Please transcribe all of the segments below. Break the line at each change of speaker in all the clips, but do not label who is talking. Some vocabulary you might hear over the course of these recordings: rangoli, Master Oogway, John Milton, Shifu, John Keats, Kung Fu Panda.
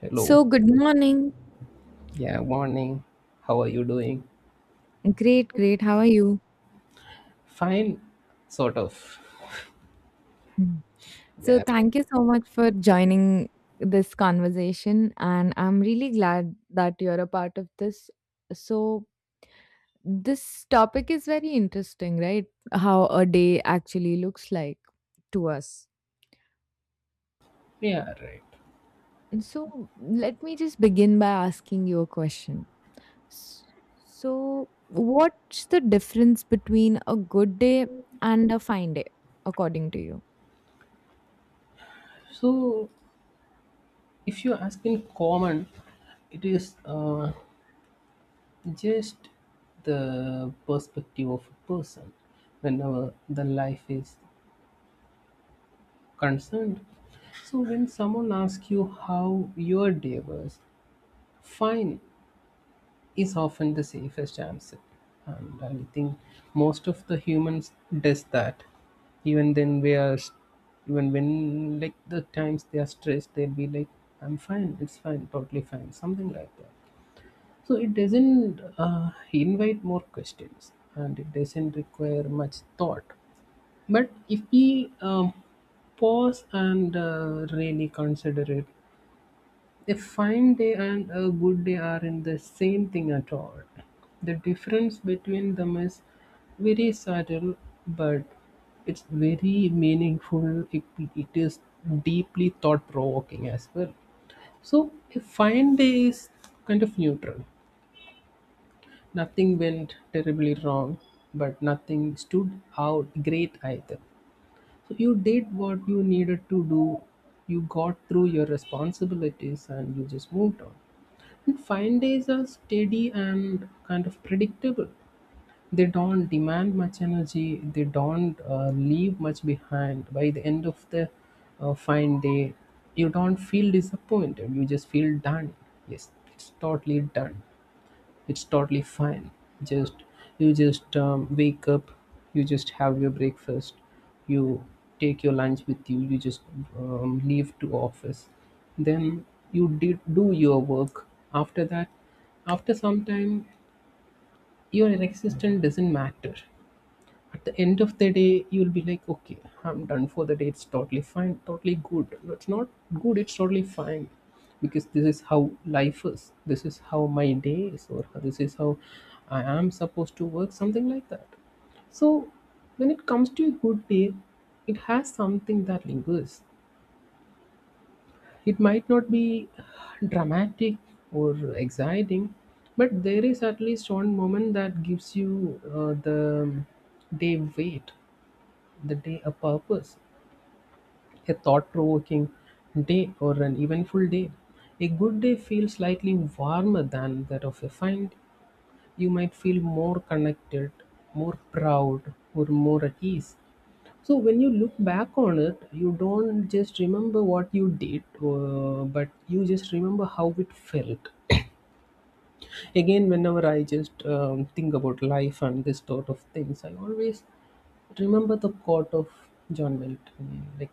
Hello.
So, good morning.
Yeah, morning. How are you doing?
Great, great. How are you?
Fine, sort of.
Mm. So,
Yeah,
thank you so much for joining this conversation. And I'm really glad that you're a part of this. So, this topic is very interesting, right? How a day actually looks like to us.
yeah, right.
So, let me just begin by asking you a question. S- So, what's the difference between a good day and a fine day, according to you?
So, if you ask in common, it is just the perspective of a person whenever the life is concerned. So, when someone asks you how your day was, fine, is often the safest answer. And I think most of the humans does that. Even then we are s- Even when like the times they are stressed, they'll be like, I'm fine, it's fine, totally fine, something like that. So it doesn't invite more questions and it doesn't require much thought. But if we pause and really consider it, a fine day and a good day aren't the same thing at all. The difference between them is very subtle, but it's very meaningful. It is deeply thought provoking as well. So, a fine day is kind of neutral. Nothing went terribly wrong, but nothing stood out great either. So, you did what you needed to do, you got through your responsibilities, and you just moved on, and fine days are steady and kind of predictable. They don't demand much energy. They don't leave much behind. By the end of the fine day, you don't feel disappointed. You just feel done. Yes, it's totally done. It's totally fine. Just you just wake up, you just have your breakfast, you take your lunch with you, you just leave to office. Then you did do your work. After that, after some time, your existence doesn't matter. At the end of the day, you'll be like, okay, I'm done for the day, it's totally fine, totally good. No, it's not good, it's totally fine, because this is how life is, this is how my day is, or this is how I am supposed to work, something like that. So, when it comes to a good day, it has something that lingers. It might not be dramatic or exciting, but there is at least one moment that gives you the day weight, the day a purpose, a thought provoking day, or an eventful day. A good day feels slightly warmer than that of a fine day. You might feel more connected, more proud, or more at ease. So, when you look back on it, you don't just remember what you did, but you just remember how it felt. Again, whenever I just think about life and this sort of things, I always remember the quote of John Milton. Like,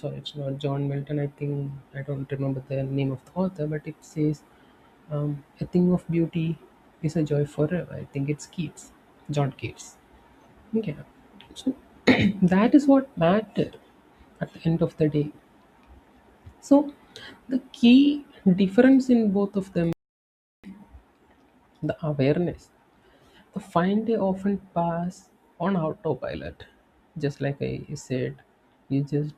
sorry, it's not John Milton, I think. I don't remember the name of the author, but it says, a thing of beauty is a joy forever. I think it's Keats. John Keats. Okay. So, that is what matter at the end of the day. So, the key difference in both of them, the awareness. The fine day often pass on autopilot. Just like I said, you just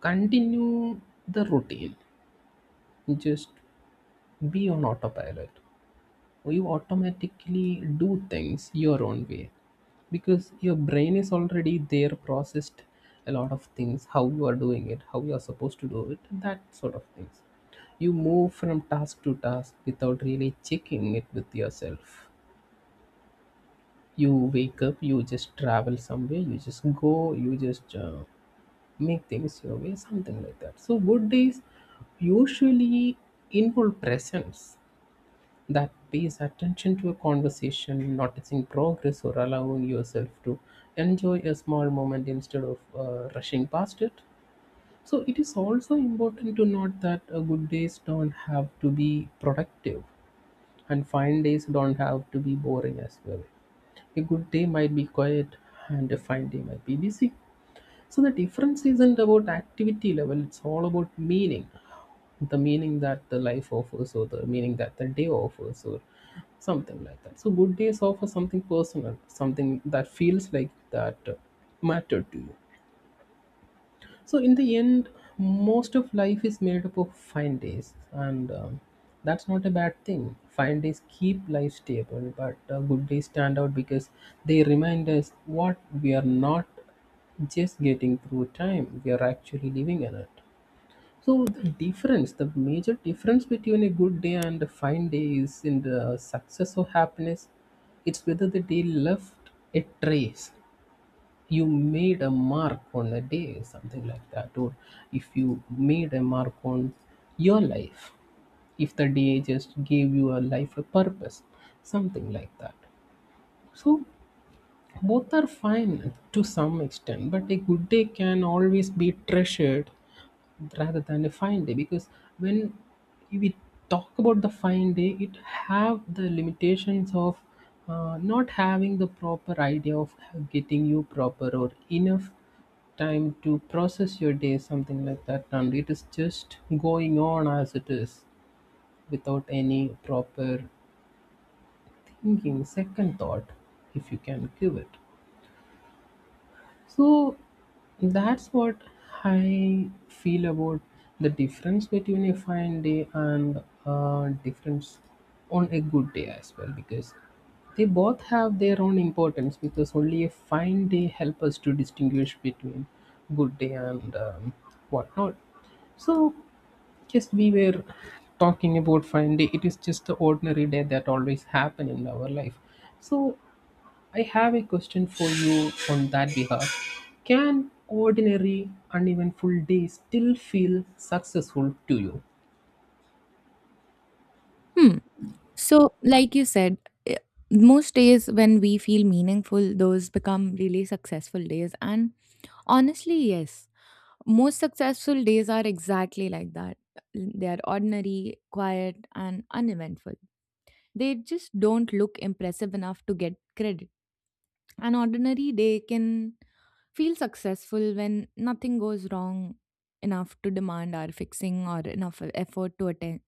continue the routine. You just be on autopilot. You automatically do things your own way, because your brain is already there, processed a lot of things, how you are doing it, how you are supposed to do it, that sort of things. You move from task to task without really checking it with yourself. You wake up, you just travel somewhere, you just go, you just make things your way, something like that. So, good days usually involve presence that pays attention to a conversation, noticing progress, or allowing yourself to enjoy a small moment instead of rushing past it. So it is also important to note that good days don't have to be productive, and fine days don't have to be boring as well. A good day might be quiet, and a fine day might be busy. So the difference isn't about activity level, it's all about meaning. The meaning that the life offers, or the meaning that the day offers, or something like that. So good days offer something personal, something that feels like that mattered to you. So, in the end, most of life is made up of fine days, and that's not a bad thing. Fine days keep life stable, but good days stand out because they remind us what we are not just getting through time; we are actually living in it. So the difference, the major difference between a good day and a fine day is in the success or happiness. It's whether the day left a trace, you made a mark on a day, something like that, or if you made a mark on your life, if the day just gave you a life a purpose, something like that. So both are fine to some extent, but a good day can always be treasured rather than a fine day, because when we talk about the fine day, it have the limitations of not having the proper idea of getting you proper or enough time to process your day, something like that. And it is just going on as it is without any proper thinking, second thought, if you can give it. So that's what I feel about the difference between a fine day and difference on a good day as well, because they both have their own importance, because only a fine day help us to distinguish between good day and whatnot. So, just we were talking about fine day, it is just the ordinary day that always happen in our life. So I have a question for you on that behalf. Can ordinary, uneventful days still feel successful to you?
Hmm. So, like you said, i- most days when we feel meaningful, those become really successful days. And honestly, yes, most successful days are exactly like that. They are ordinary, quiet, and uneventful. They just don't look impressive enough to get credit. An ordinary day can feel successful when nothing goes wrong enough to demand our fixing or enough effort to attend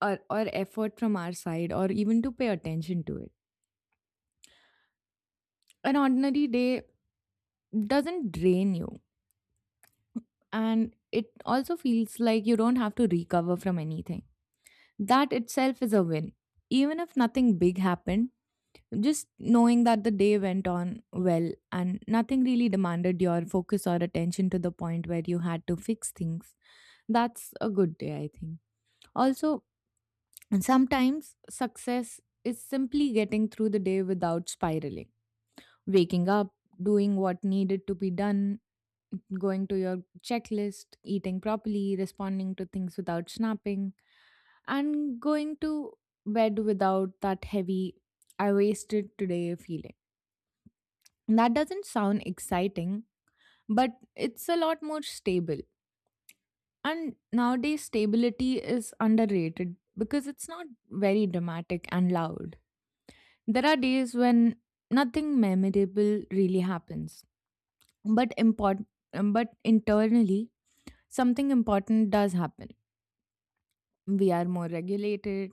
or effort from our side or even to pay attention to it. An ordinary day doesn't drain you, and it also feels like you don't have to recover from anything. That itself is a win. Even if nothing big happened, just knowing that the day went on well and nothing really demanded your focus or attention to the point where you had to fix things, that's a good day, I think. Also, sometimes success is simply getting through the day without spiraling, waking up, doing what needed to be done, going to your checklist, eating properly, responding to things without snapping, and going to bed without that heavy, I wasted today feeling. That doesn't sound exciting, but it's a lot more stable. And nowadays, stability is underrated because it's not very dramatic and loud. There are days when nothing memorable really happens, but important, but internally, something important does happen. We are more regulated,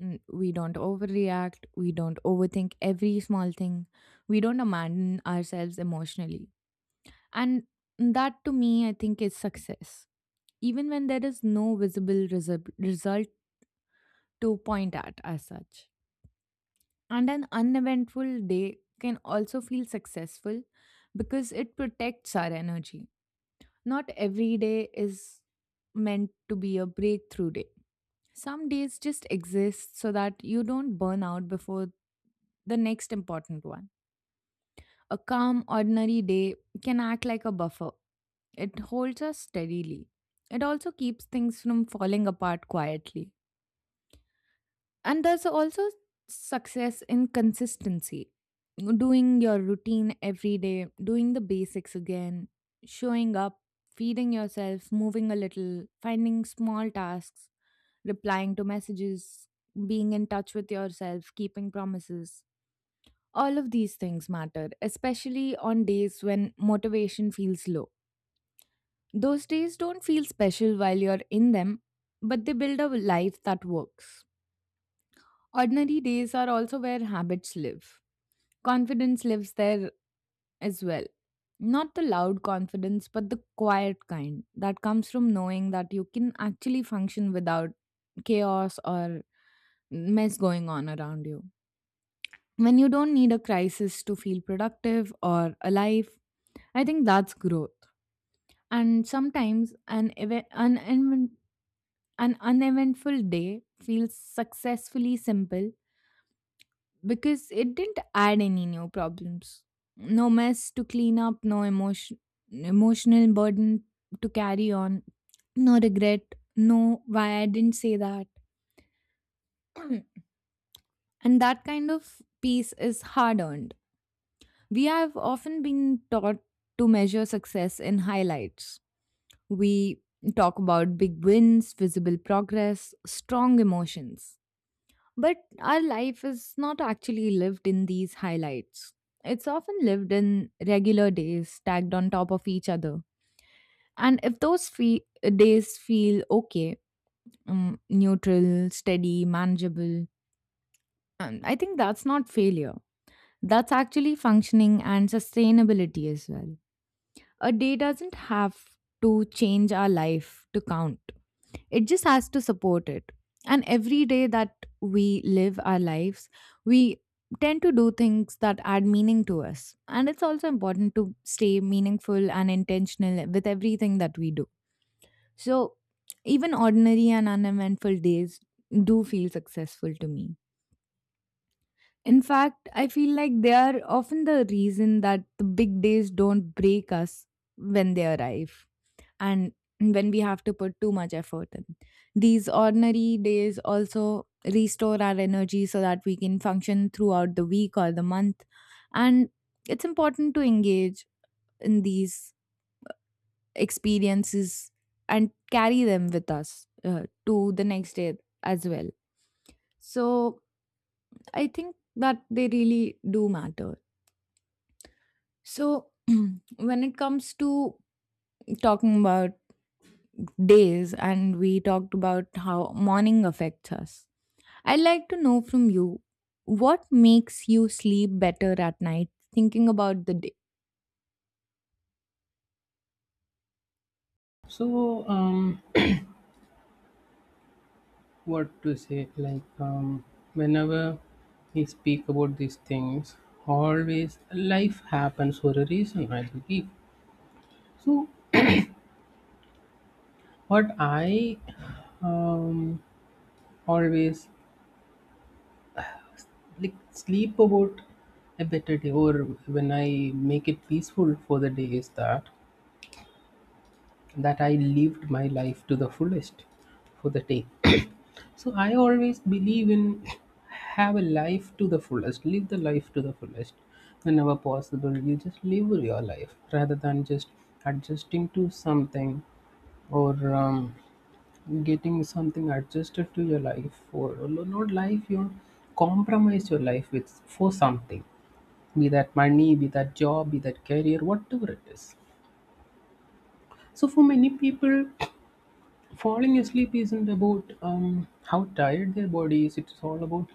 we don't overreact, we don't overthink every small thing, we don't abandon ourselves emotionally. And that, to me, I think is success, even when there is no visible result to point at as such. And an uneventful day can also feel successful because it protects our energy. Not every day is meant to be a breakthrough day. Some days just exist so that you don't burn out before the next important one. A calm, ordinary day can act like a buffer. It holds us steadily. It also keeps things from falling apart quietly. And there's also success in consistency. Doing your routine every day, doing the basics again, showing up, feeding yourself, moving a little, finding small tasks, replying to messages, being in touch with yourself, keeping promises. All of these things matter, especially on days when motivation feels low. Those days don't feel special while you're in them, but they build a life that works. Ordinary days are also where habits live. Confidence lives there as well. Not the loud confidence, but the quiet kind that comes from knowing that you can actually function without chaos or mess going on around you. When you don't need a crisis to feel productive or alive, I think that's growth. And sometimes an uneventful day feels successfully simple because it didn't add any new problems. No mess to clean up, no emotion, emotional burden to carry on, no regret, no why I didn't say that. And that kind of peace is hard earned. We have often been taught to measure success in highlights. We talk about big wins, visible progress, strong emotions. But our life is not actually lived in these highlights. It's often lived in regular days stacked on top of each other. And if those days feel okay, neutral, steady, manageable, I think that's not failure. That's actually functioning and sustainability as well. A day doesn't have to change our life to count. It just has to support it. And every day that we live our lives, we tend to do things that add meaning to us, and it's also important to stay meaningful and intentional with everything that we do. So, even ordinary and uneventful days do feel successful to me. In fact, I feel like they are often the reason that the big days don't break us when they arrive and when we have to put too much effort in. These ordinary days also restore our energy so that we can function throughout the week or the month. And it's important to engage in these experiences and carry them with us to the next day as well. So, I think that they really do matter. So, when it comes to talking about days, and we talked about how morning affects us, I'd like to know from you, what makes you sleep better at night thinking about the day?
So, what to say? Like, whenever we speak about these things, always life happens for a reason, I believe. So, what I um, always like sleep about a better day, or when I make it peaceful for the day, is that I lived my life to the fullest for the day. So I always believe in have a life to the fullest, live the life to the fullest. Whenever possible, you just live your life rather than just adjusting to something or getting something adjusted to your life, or not life, you compromise your life with for something, be that money, be that job, be that career, whatever it is. So for many people, falling asleep isn't about how tired their body is, it's all about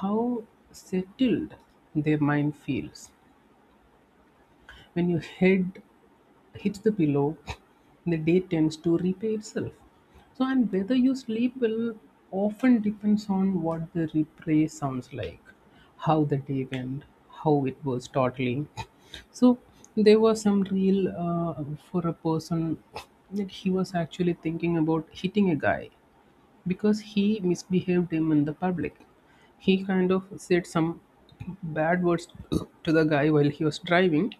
how settled their mind feels. When your head hits the pillow, the day tends to repay itself. So, and whether you sleep will often depends on what the replay sounds like, how the day went, how it was startling. So, there was some real for a person that he was actually thinking about hitting a guy because he misbehaved him in the public. He kind of said some bad words to the guy while he was driving,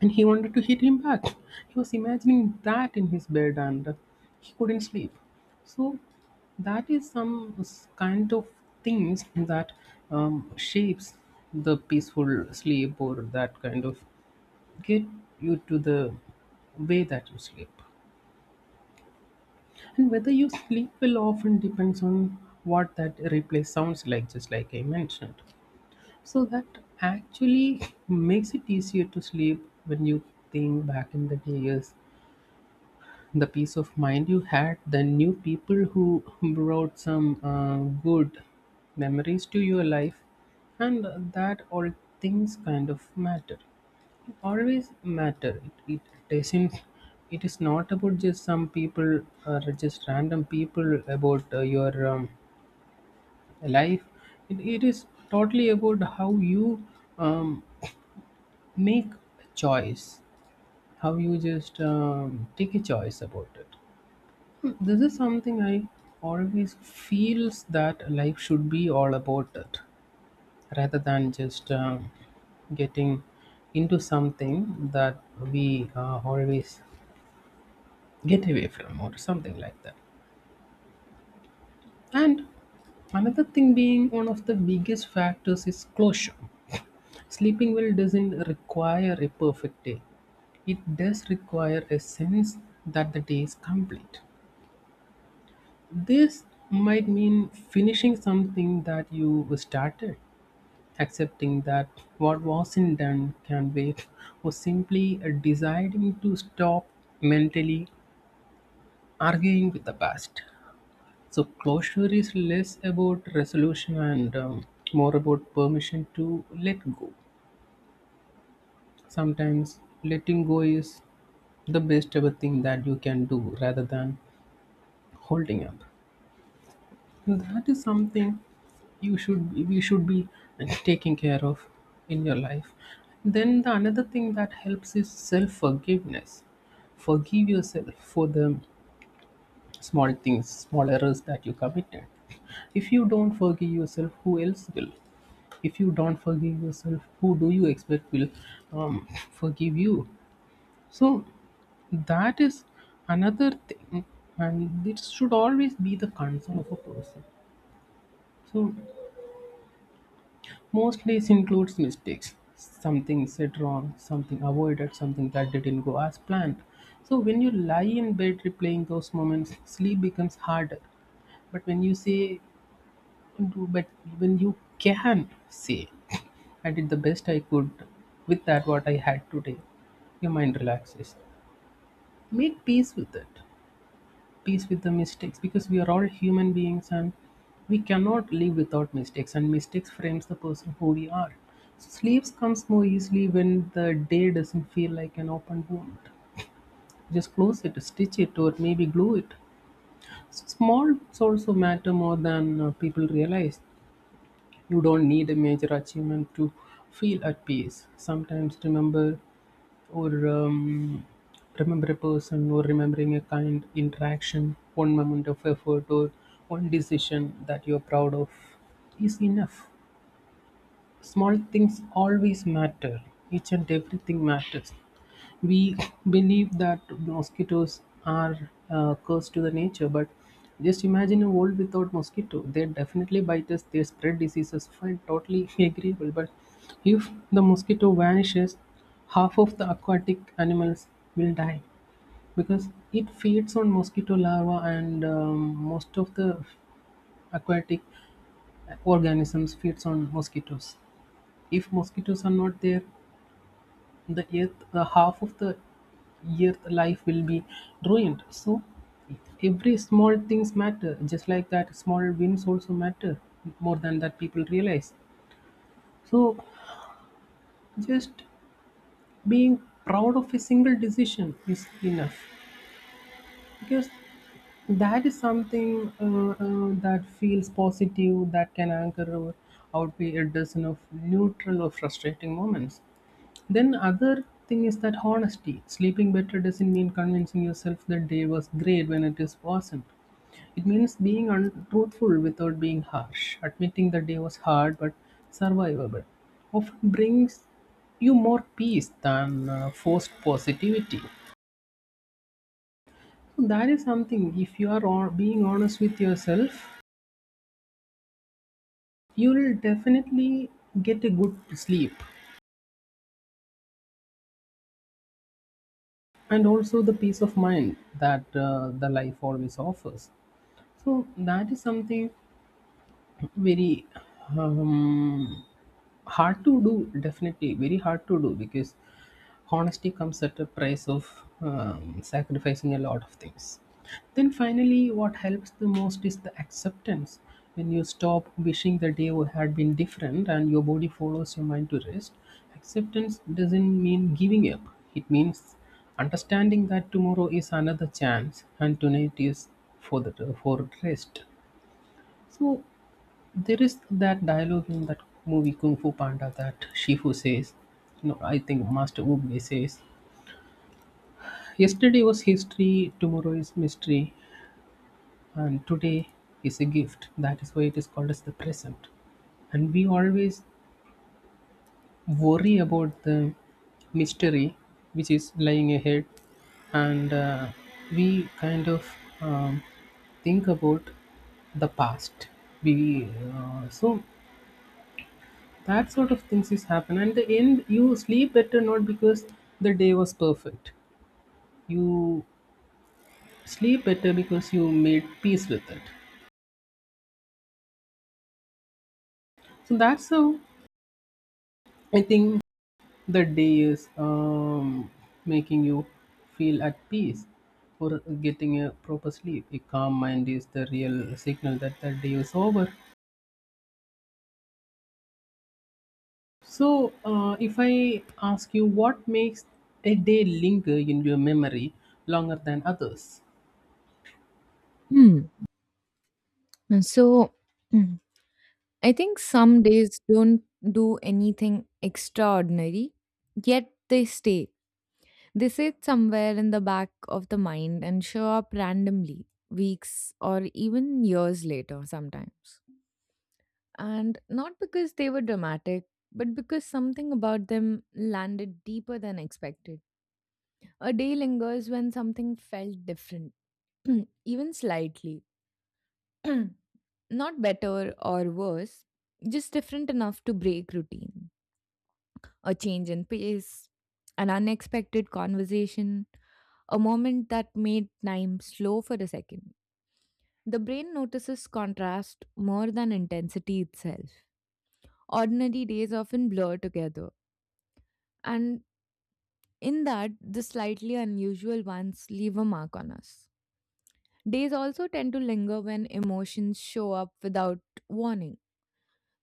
and he wanted to hit him back. He was imagining that in his bed and he couldn't sleep. So that is some kind of things that shapes the peaceful sleep, or that kind of get you to the way that you sleep. And whether you sleep will often depends on what that replay sounds like, just like I mentioned. So that actually makes it easier to sleep when you think back in the days, the peace of mind you had, the new people who brought some good memories to your life, and that all things kind of matter, always matter. It doesn't, it is not about just some people or just random people, about your life. It is totally about how you um, make a choice, how you just take a choice about it. This is something I always feels that life should be all about it, rather than just getting into something that we always get away from, or something like that. And another thing being one of the biggest factors is closure. Sleeping well doesn't require a perfect day, it does require a sense that the day is complete. This might mean finishing something that you started, accepting that what wasn't done can wait, or simply deciding to stop mentally arguing with the past. So closure is less about resolution and more about permission to let go. Sometimes letting go is the best ever thing that you can do rather than holding up. And that is something you should we should be taking care of in your life. Then the another thing that helps is self forgiveness. Forgive yourself for the small things, small errors that you committed. If you don't forgive yourself, who else will? If you don't forgive yourself, who do you expect will forgive you? So that is another thing, and it should always be the concern of a person. So most days includes mistakes. Something said wrong, something avoided, something that didn't go as planned. So when you lie in bed replaying those moments, sleep becomes harder. But when you say do but even you can say I did the best I could with that what I had today, your mind relaxes. Make peace with it, peace with the mistakes, because we are all human beings and we cannot live without mistakes, and mistakes frames the person who we are. So sleeps comes more easily when the day doesn't feel like an open wound. Just close it, stitch it, or maybe glue it. Small also matter more than people realize. You don't need a major achievement to feel at peace. Sometimes remember or remember a person, or remembering a kind interaction, one moment of effort or one decision that you're proud of is enough. Small things always matter. Each and everything matters. We believe that mosquitoes are a curse to the nature, but just imagine a world without mosquito. They definitely bite us. They spread diseases. Fine, totally agreeable. But if the mosquito vanishes, half of the aquatic animals will die because it feeds on mosquito larva, and most of the aquatic organisms feeds on mosquitoes. If mosquitoes are not there, the earth, the half of the earth life will be ruined. So every small things matter, just like that small wins also matter more than that people realize. So just being proud of a single decision is enough, because that is something that feels positive, that can anchor or outweigh a dozen of neutral or frustrating moments. Then other thing is that honesty. Sleeping better doesn't mean convincing yourself that day was great when it is wasn't. It means being untruthful without being harsh. Admitting the day was hard but survivable often brings you more peace than forced positivity. So that is something. If you are on, being honest with yourself, you will definitely get a good sleep, and also the peace of mind that the life always offers. So that is something very um, hard to do, definitely very hard to do, because honesty comes at a price of sacrificing a lot of things. Then finally, what helps the most is the acceptance. When you stop wishing the day had been different and your body follows your mind to rest, acceptance doesn't mean giving up. It means understanding that tomorrow is another chance and tonight is for the for rest. So there is that dialogue in that movie Kung Fu Panda that Shifu says, you know, I think Master Oogway says, yesterday was history, tomorrow is mystery, and today is a gift. That is why it is called as the present. And we always worry about the mystery which is lying ahead, and we kind of um, think about the past. We so That sort of things is happen. And the end, you sleep better not because the day was perfect. You sleep better because you made peace with it. So that's how I think the day is making you feel at peace, or getting a proper sleep. A calm mind is the real signal that the day is over. So, if I ask you what makes a day linger in your memory longer than others?
Hmm. And so, mm, I think some days don't do anything extraordinary, yet they stay. They sit somewhere in the back of the mind and show up randomly, weeks or even years later sometimes. And not because they were dramatic, but because something about them landed deeper than expected. A day lingers when something felt different, even slightly. Not better or worse, just different enough to break routine. A change in pace, an unexpected conversation, a moment that made time slow for a second. The brain notices contrast more than intensity itself. Ordinary days often blur together, and in that, the slightly unusual ones leave a mark on us. Days also tend to linger when emotions show up without warning.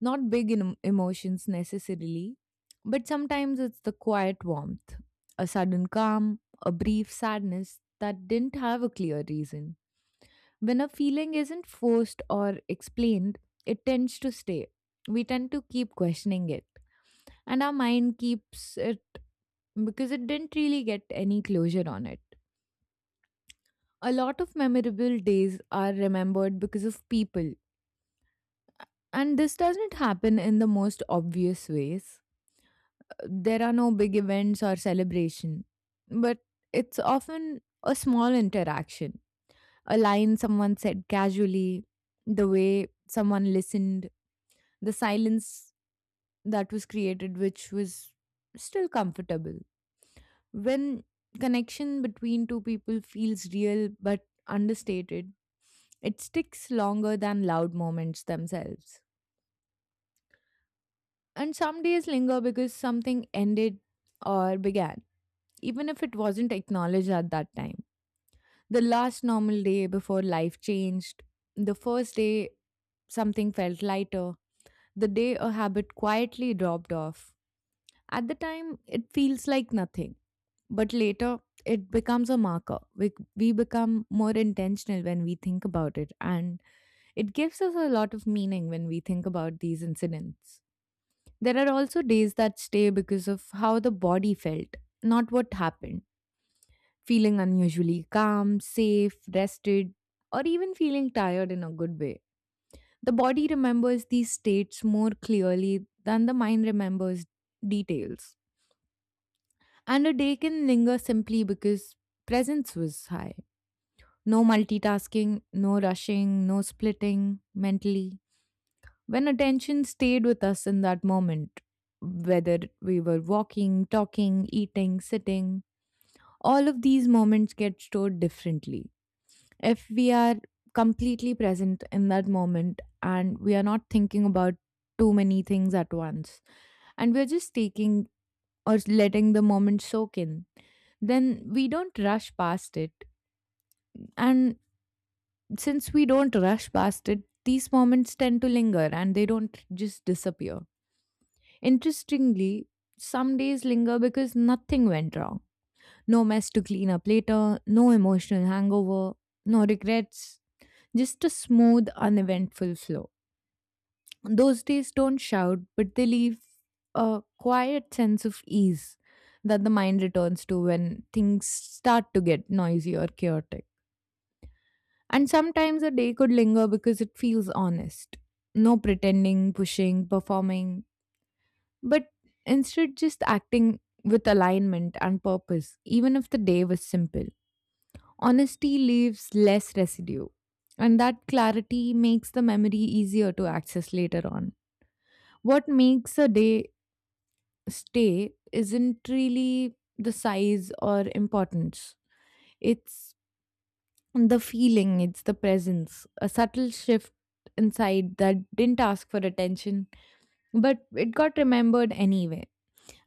Not big emotions necessarily, but sometimes it's the quiet warmth, a sudden calm, a brief sadness that didn't have a clear reason. When a feeling isn't forced or explained, it tends to stay. We tend to keep questioning it, and our mind keeps it because it didn't really get any closure on it. A lot of memorable days are remembered because of people. And this doesn't happen in the most obvious ways. There are no big events or celebration, but it's often a small interaction. A line someone said casually, the way someone listened, the silence that was created, which was still comfortable. When connection between two people feels real but understated, it sticks longer than loud moments themselves. And some days linger because something ended or began, even if it wasn't acknowledged at that time. The last normal day before life changed, the first day something felt lighter, the day a habit quietly dropped off. At the time, it feels like nothing, but later, it becomes a marker. We become more intentional when we think about it, and it gives us a lot of meaning when we think about these incidents. There are also days that stay because of how the body felt, not what happened. Feeling unusually calm, safe, rested, or even feeling tired in a good way. The body remembers these states more clearly than the mind remembers details. And a day can linger simply because presence was high. No multitasking, no rushing, no splitting mentally. When attention stayed with us in that moment, whether we were walking, talking, eating, sitting, all of these moments get stored differently. If we are completely present in that moment and we are not thinking about too many things at once, and we're just taking or letting the moment soak in, then we don't rush past it. And since we don't rush past it, these moments tend to linger and they don't just disappear. Interestingly, some days linger because nothing went wrong. No mess to clean up later, no emotional hangover, no regrets, just a smooth, uneventful flow. Those days don't shout, but they leave a quiet sense of ease that the mind returns to when things start to get noisy or chaotic. And sometimes a day could linger because it feels honest. No pretending, pushing, performing, but instead just acting with alignment and purpose, even if the day was simple. Honesty leaves less residue, and that clarity makes the memory easier to access later on. What makes a day stay isn't really the size or importance, it's the feeling, it's the presence, a subtle shift inside that didn't ask for attention, but it got remembered anyway.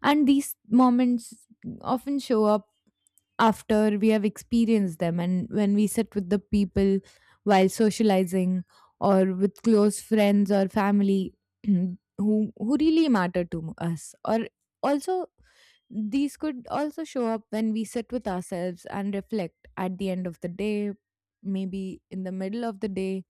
And these moments often show up after we have experienced them, and when we sit with the people while socializing, or with close friends or family who really matter to us. Or also, these could also show up when we sit with ourselves and reflect at the end of the day, maybe in the middle of the day.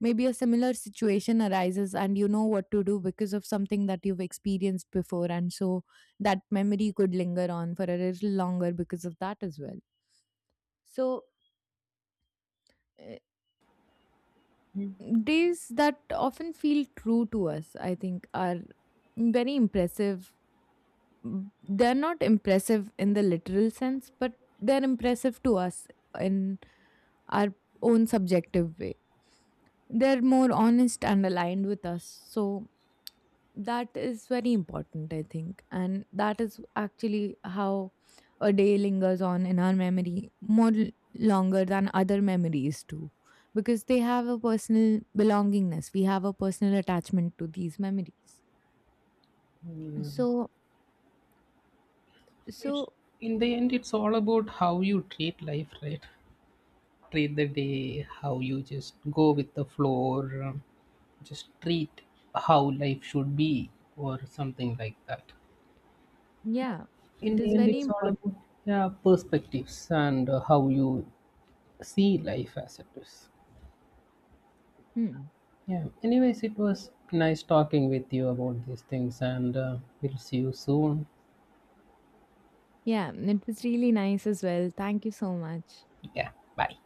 Maybe a similar situation arises and you know what to do because of something that you've experienced before, and so that memory could linger on for a little longer because of that as well. So, uh, days that often feel true to us, I think, are very impressive. Mm, they're not impressive in the literal sense, but they're impressive to us in our own subjective way. They're more honest and aligned with us. So, that is very important, I think, and that is actually how a day lingers on in our memory more longer than other memories too, because they have a personal belongingness, we have a personal attachment to these memories.
Yeah.
so
It's
so
in the end, it's all about how you treat life, right? Treat the day, how you just go with the flow, or just treat how life should be, or something like that.
yeah. It
In the
is
end,
very
it's all
important.
about yeah perspectives and how you see life as it is.
Hmm.
Yeah. Anyways, it was nice talking with you about these things, and we'll see you soon.
Yeah, it was really nice as well. Thank you so much.
Yeah. Bye.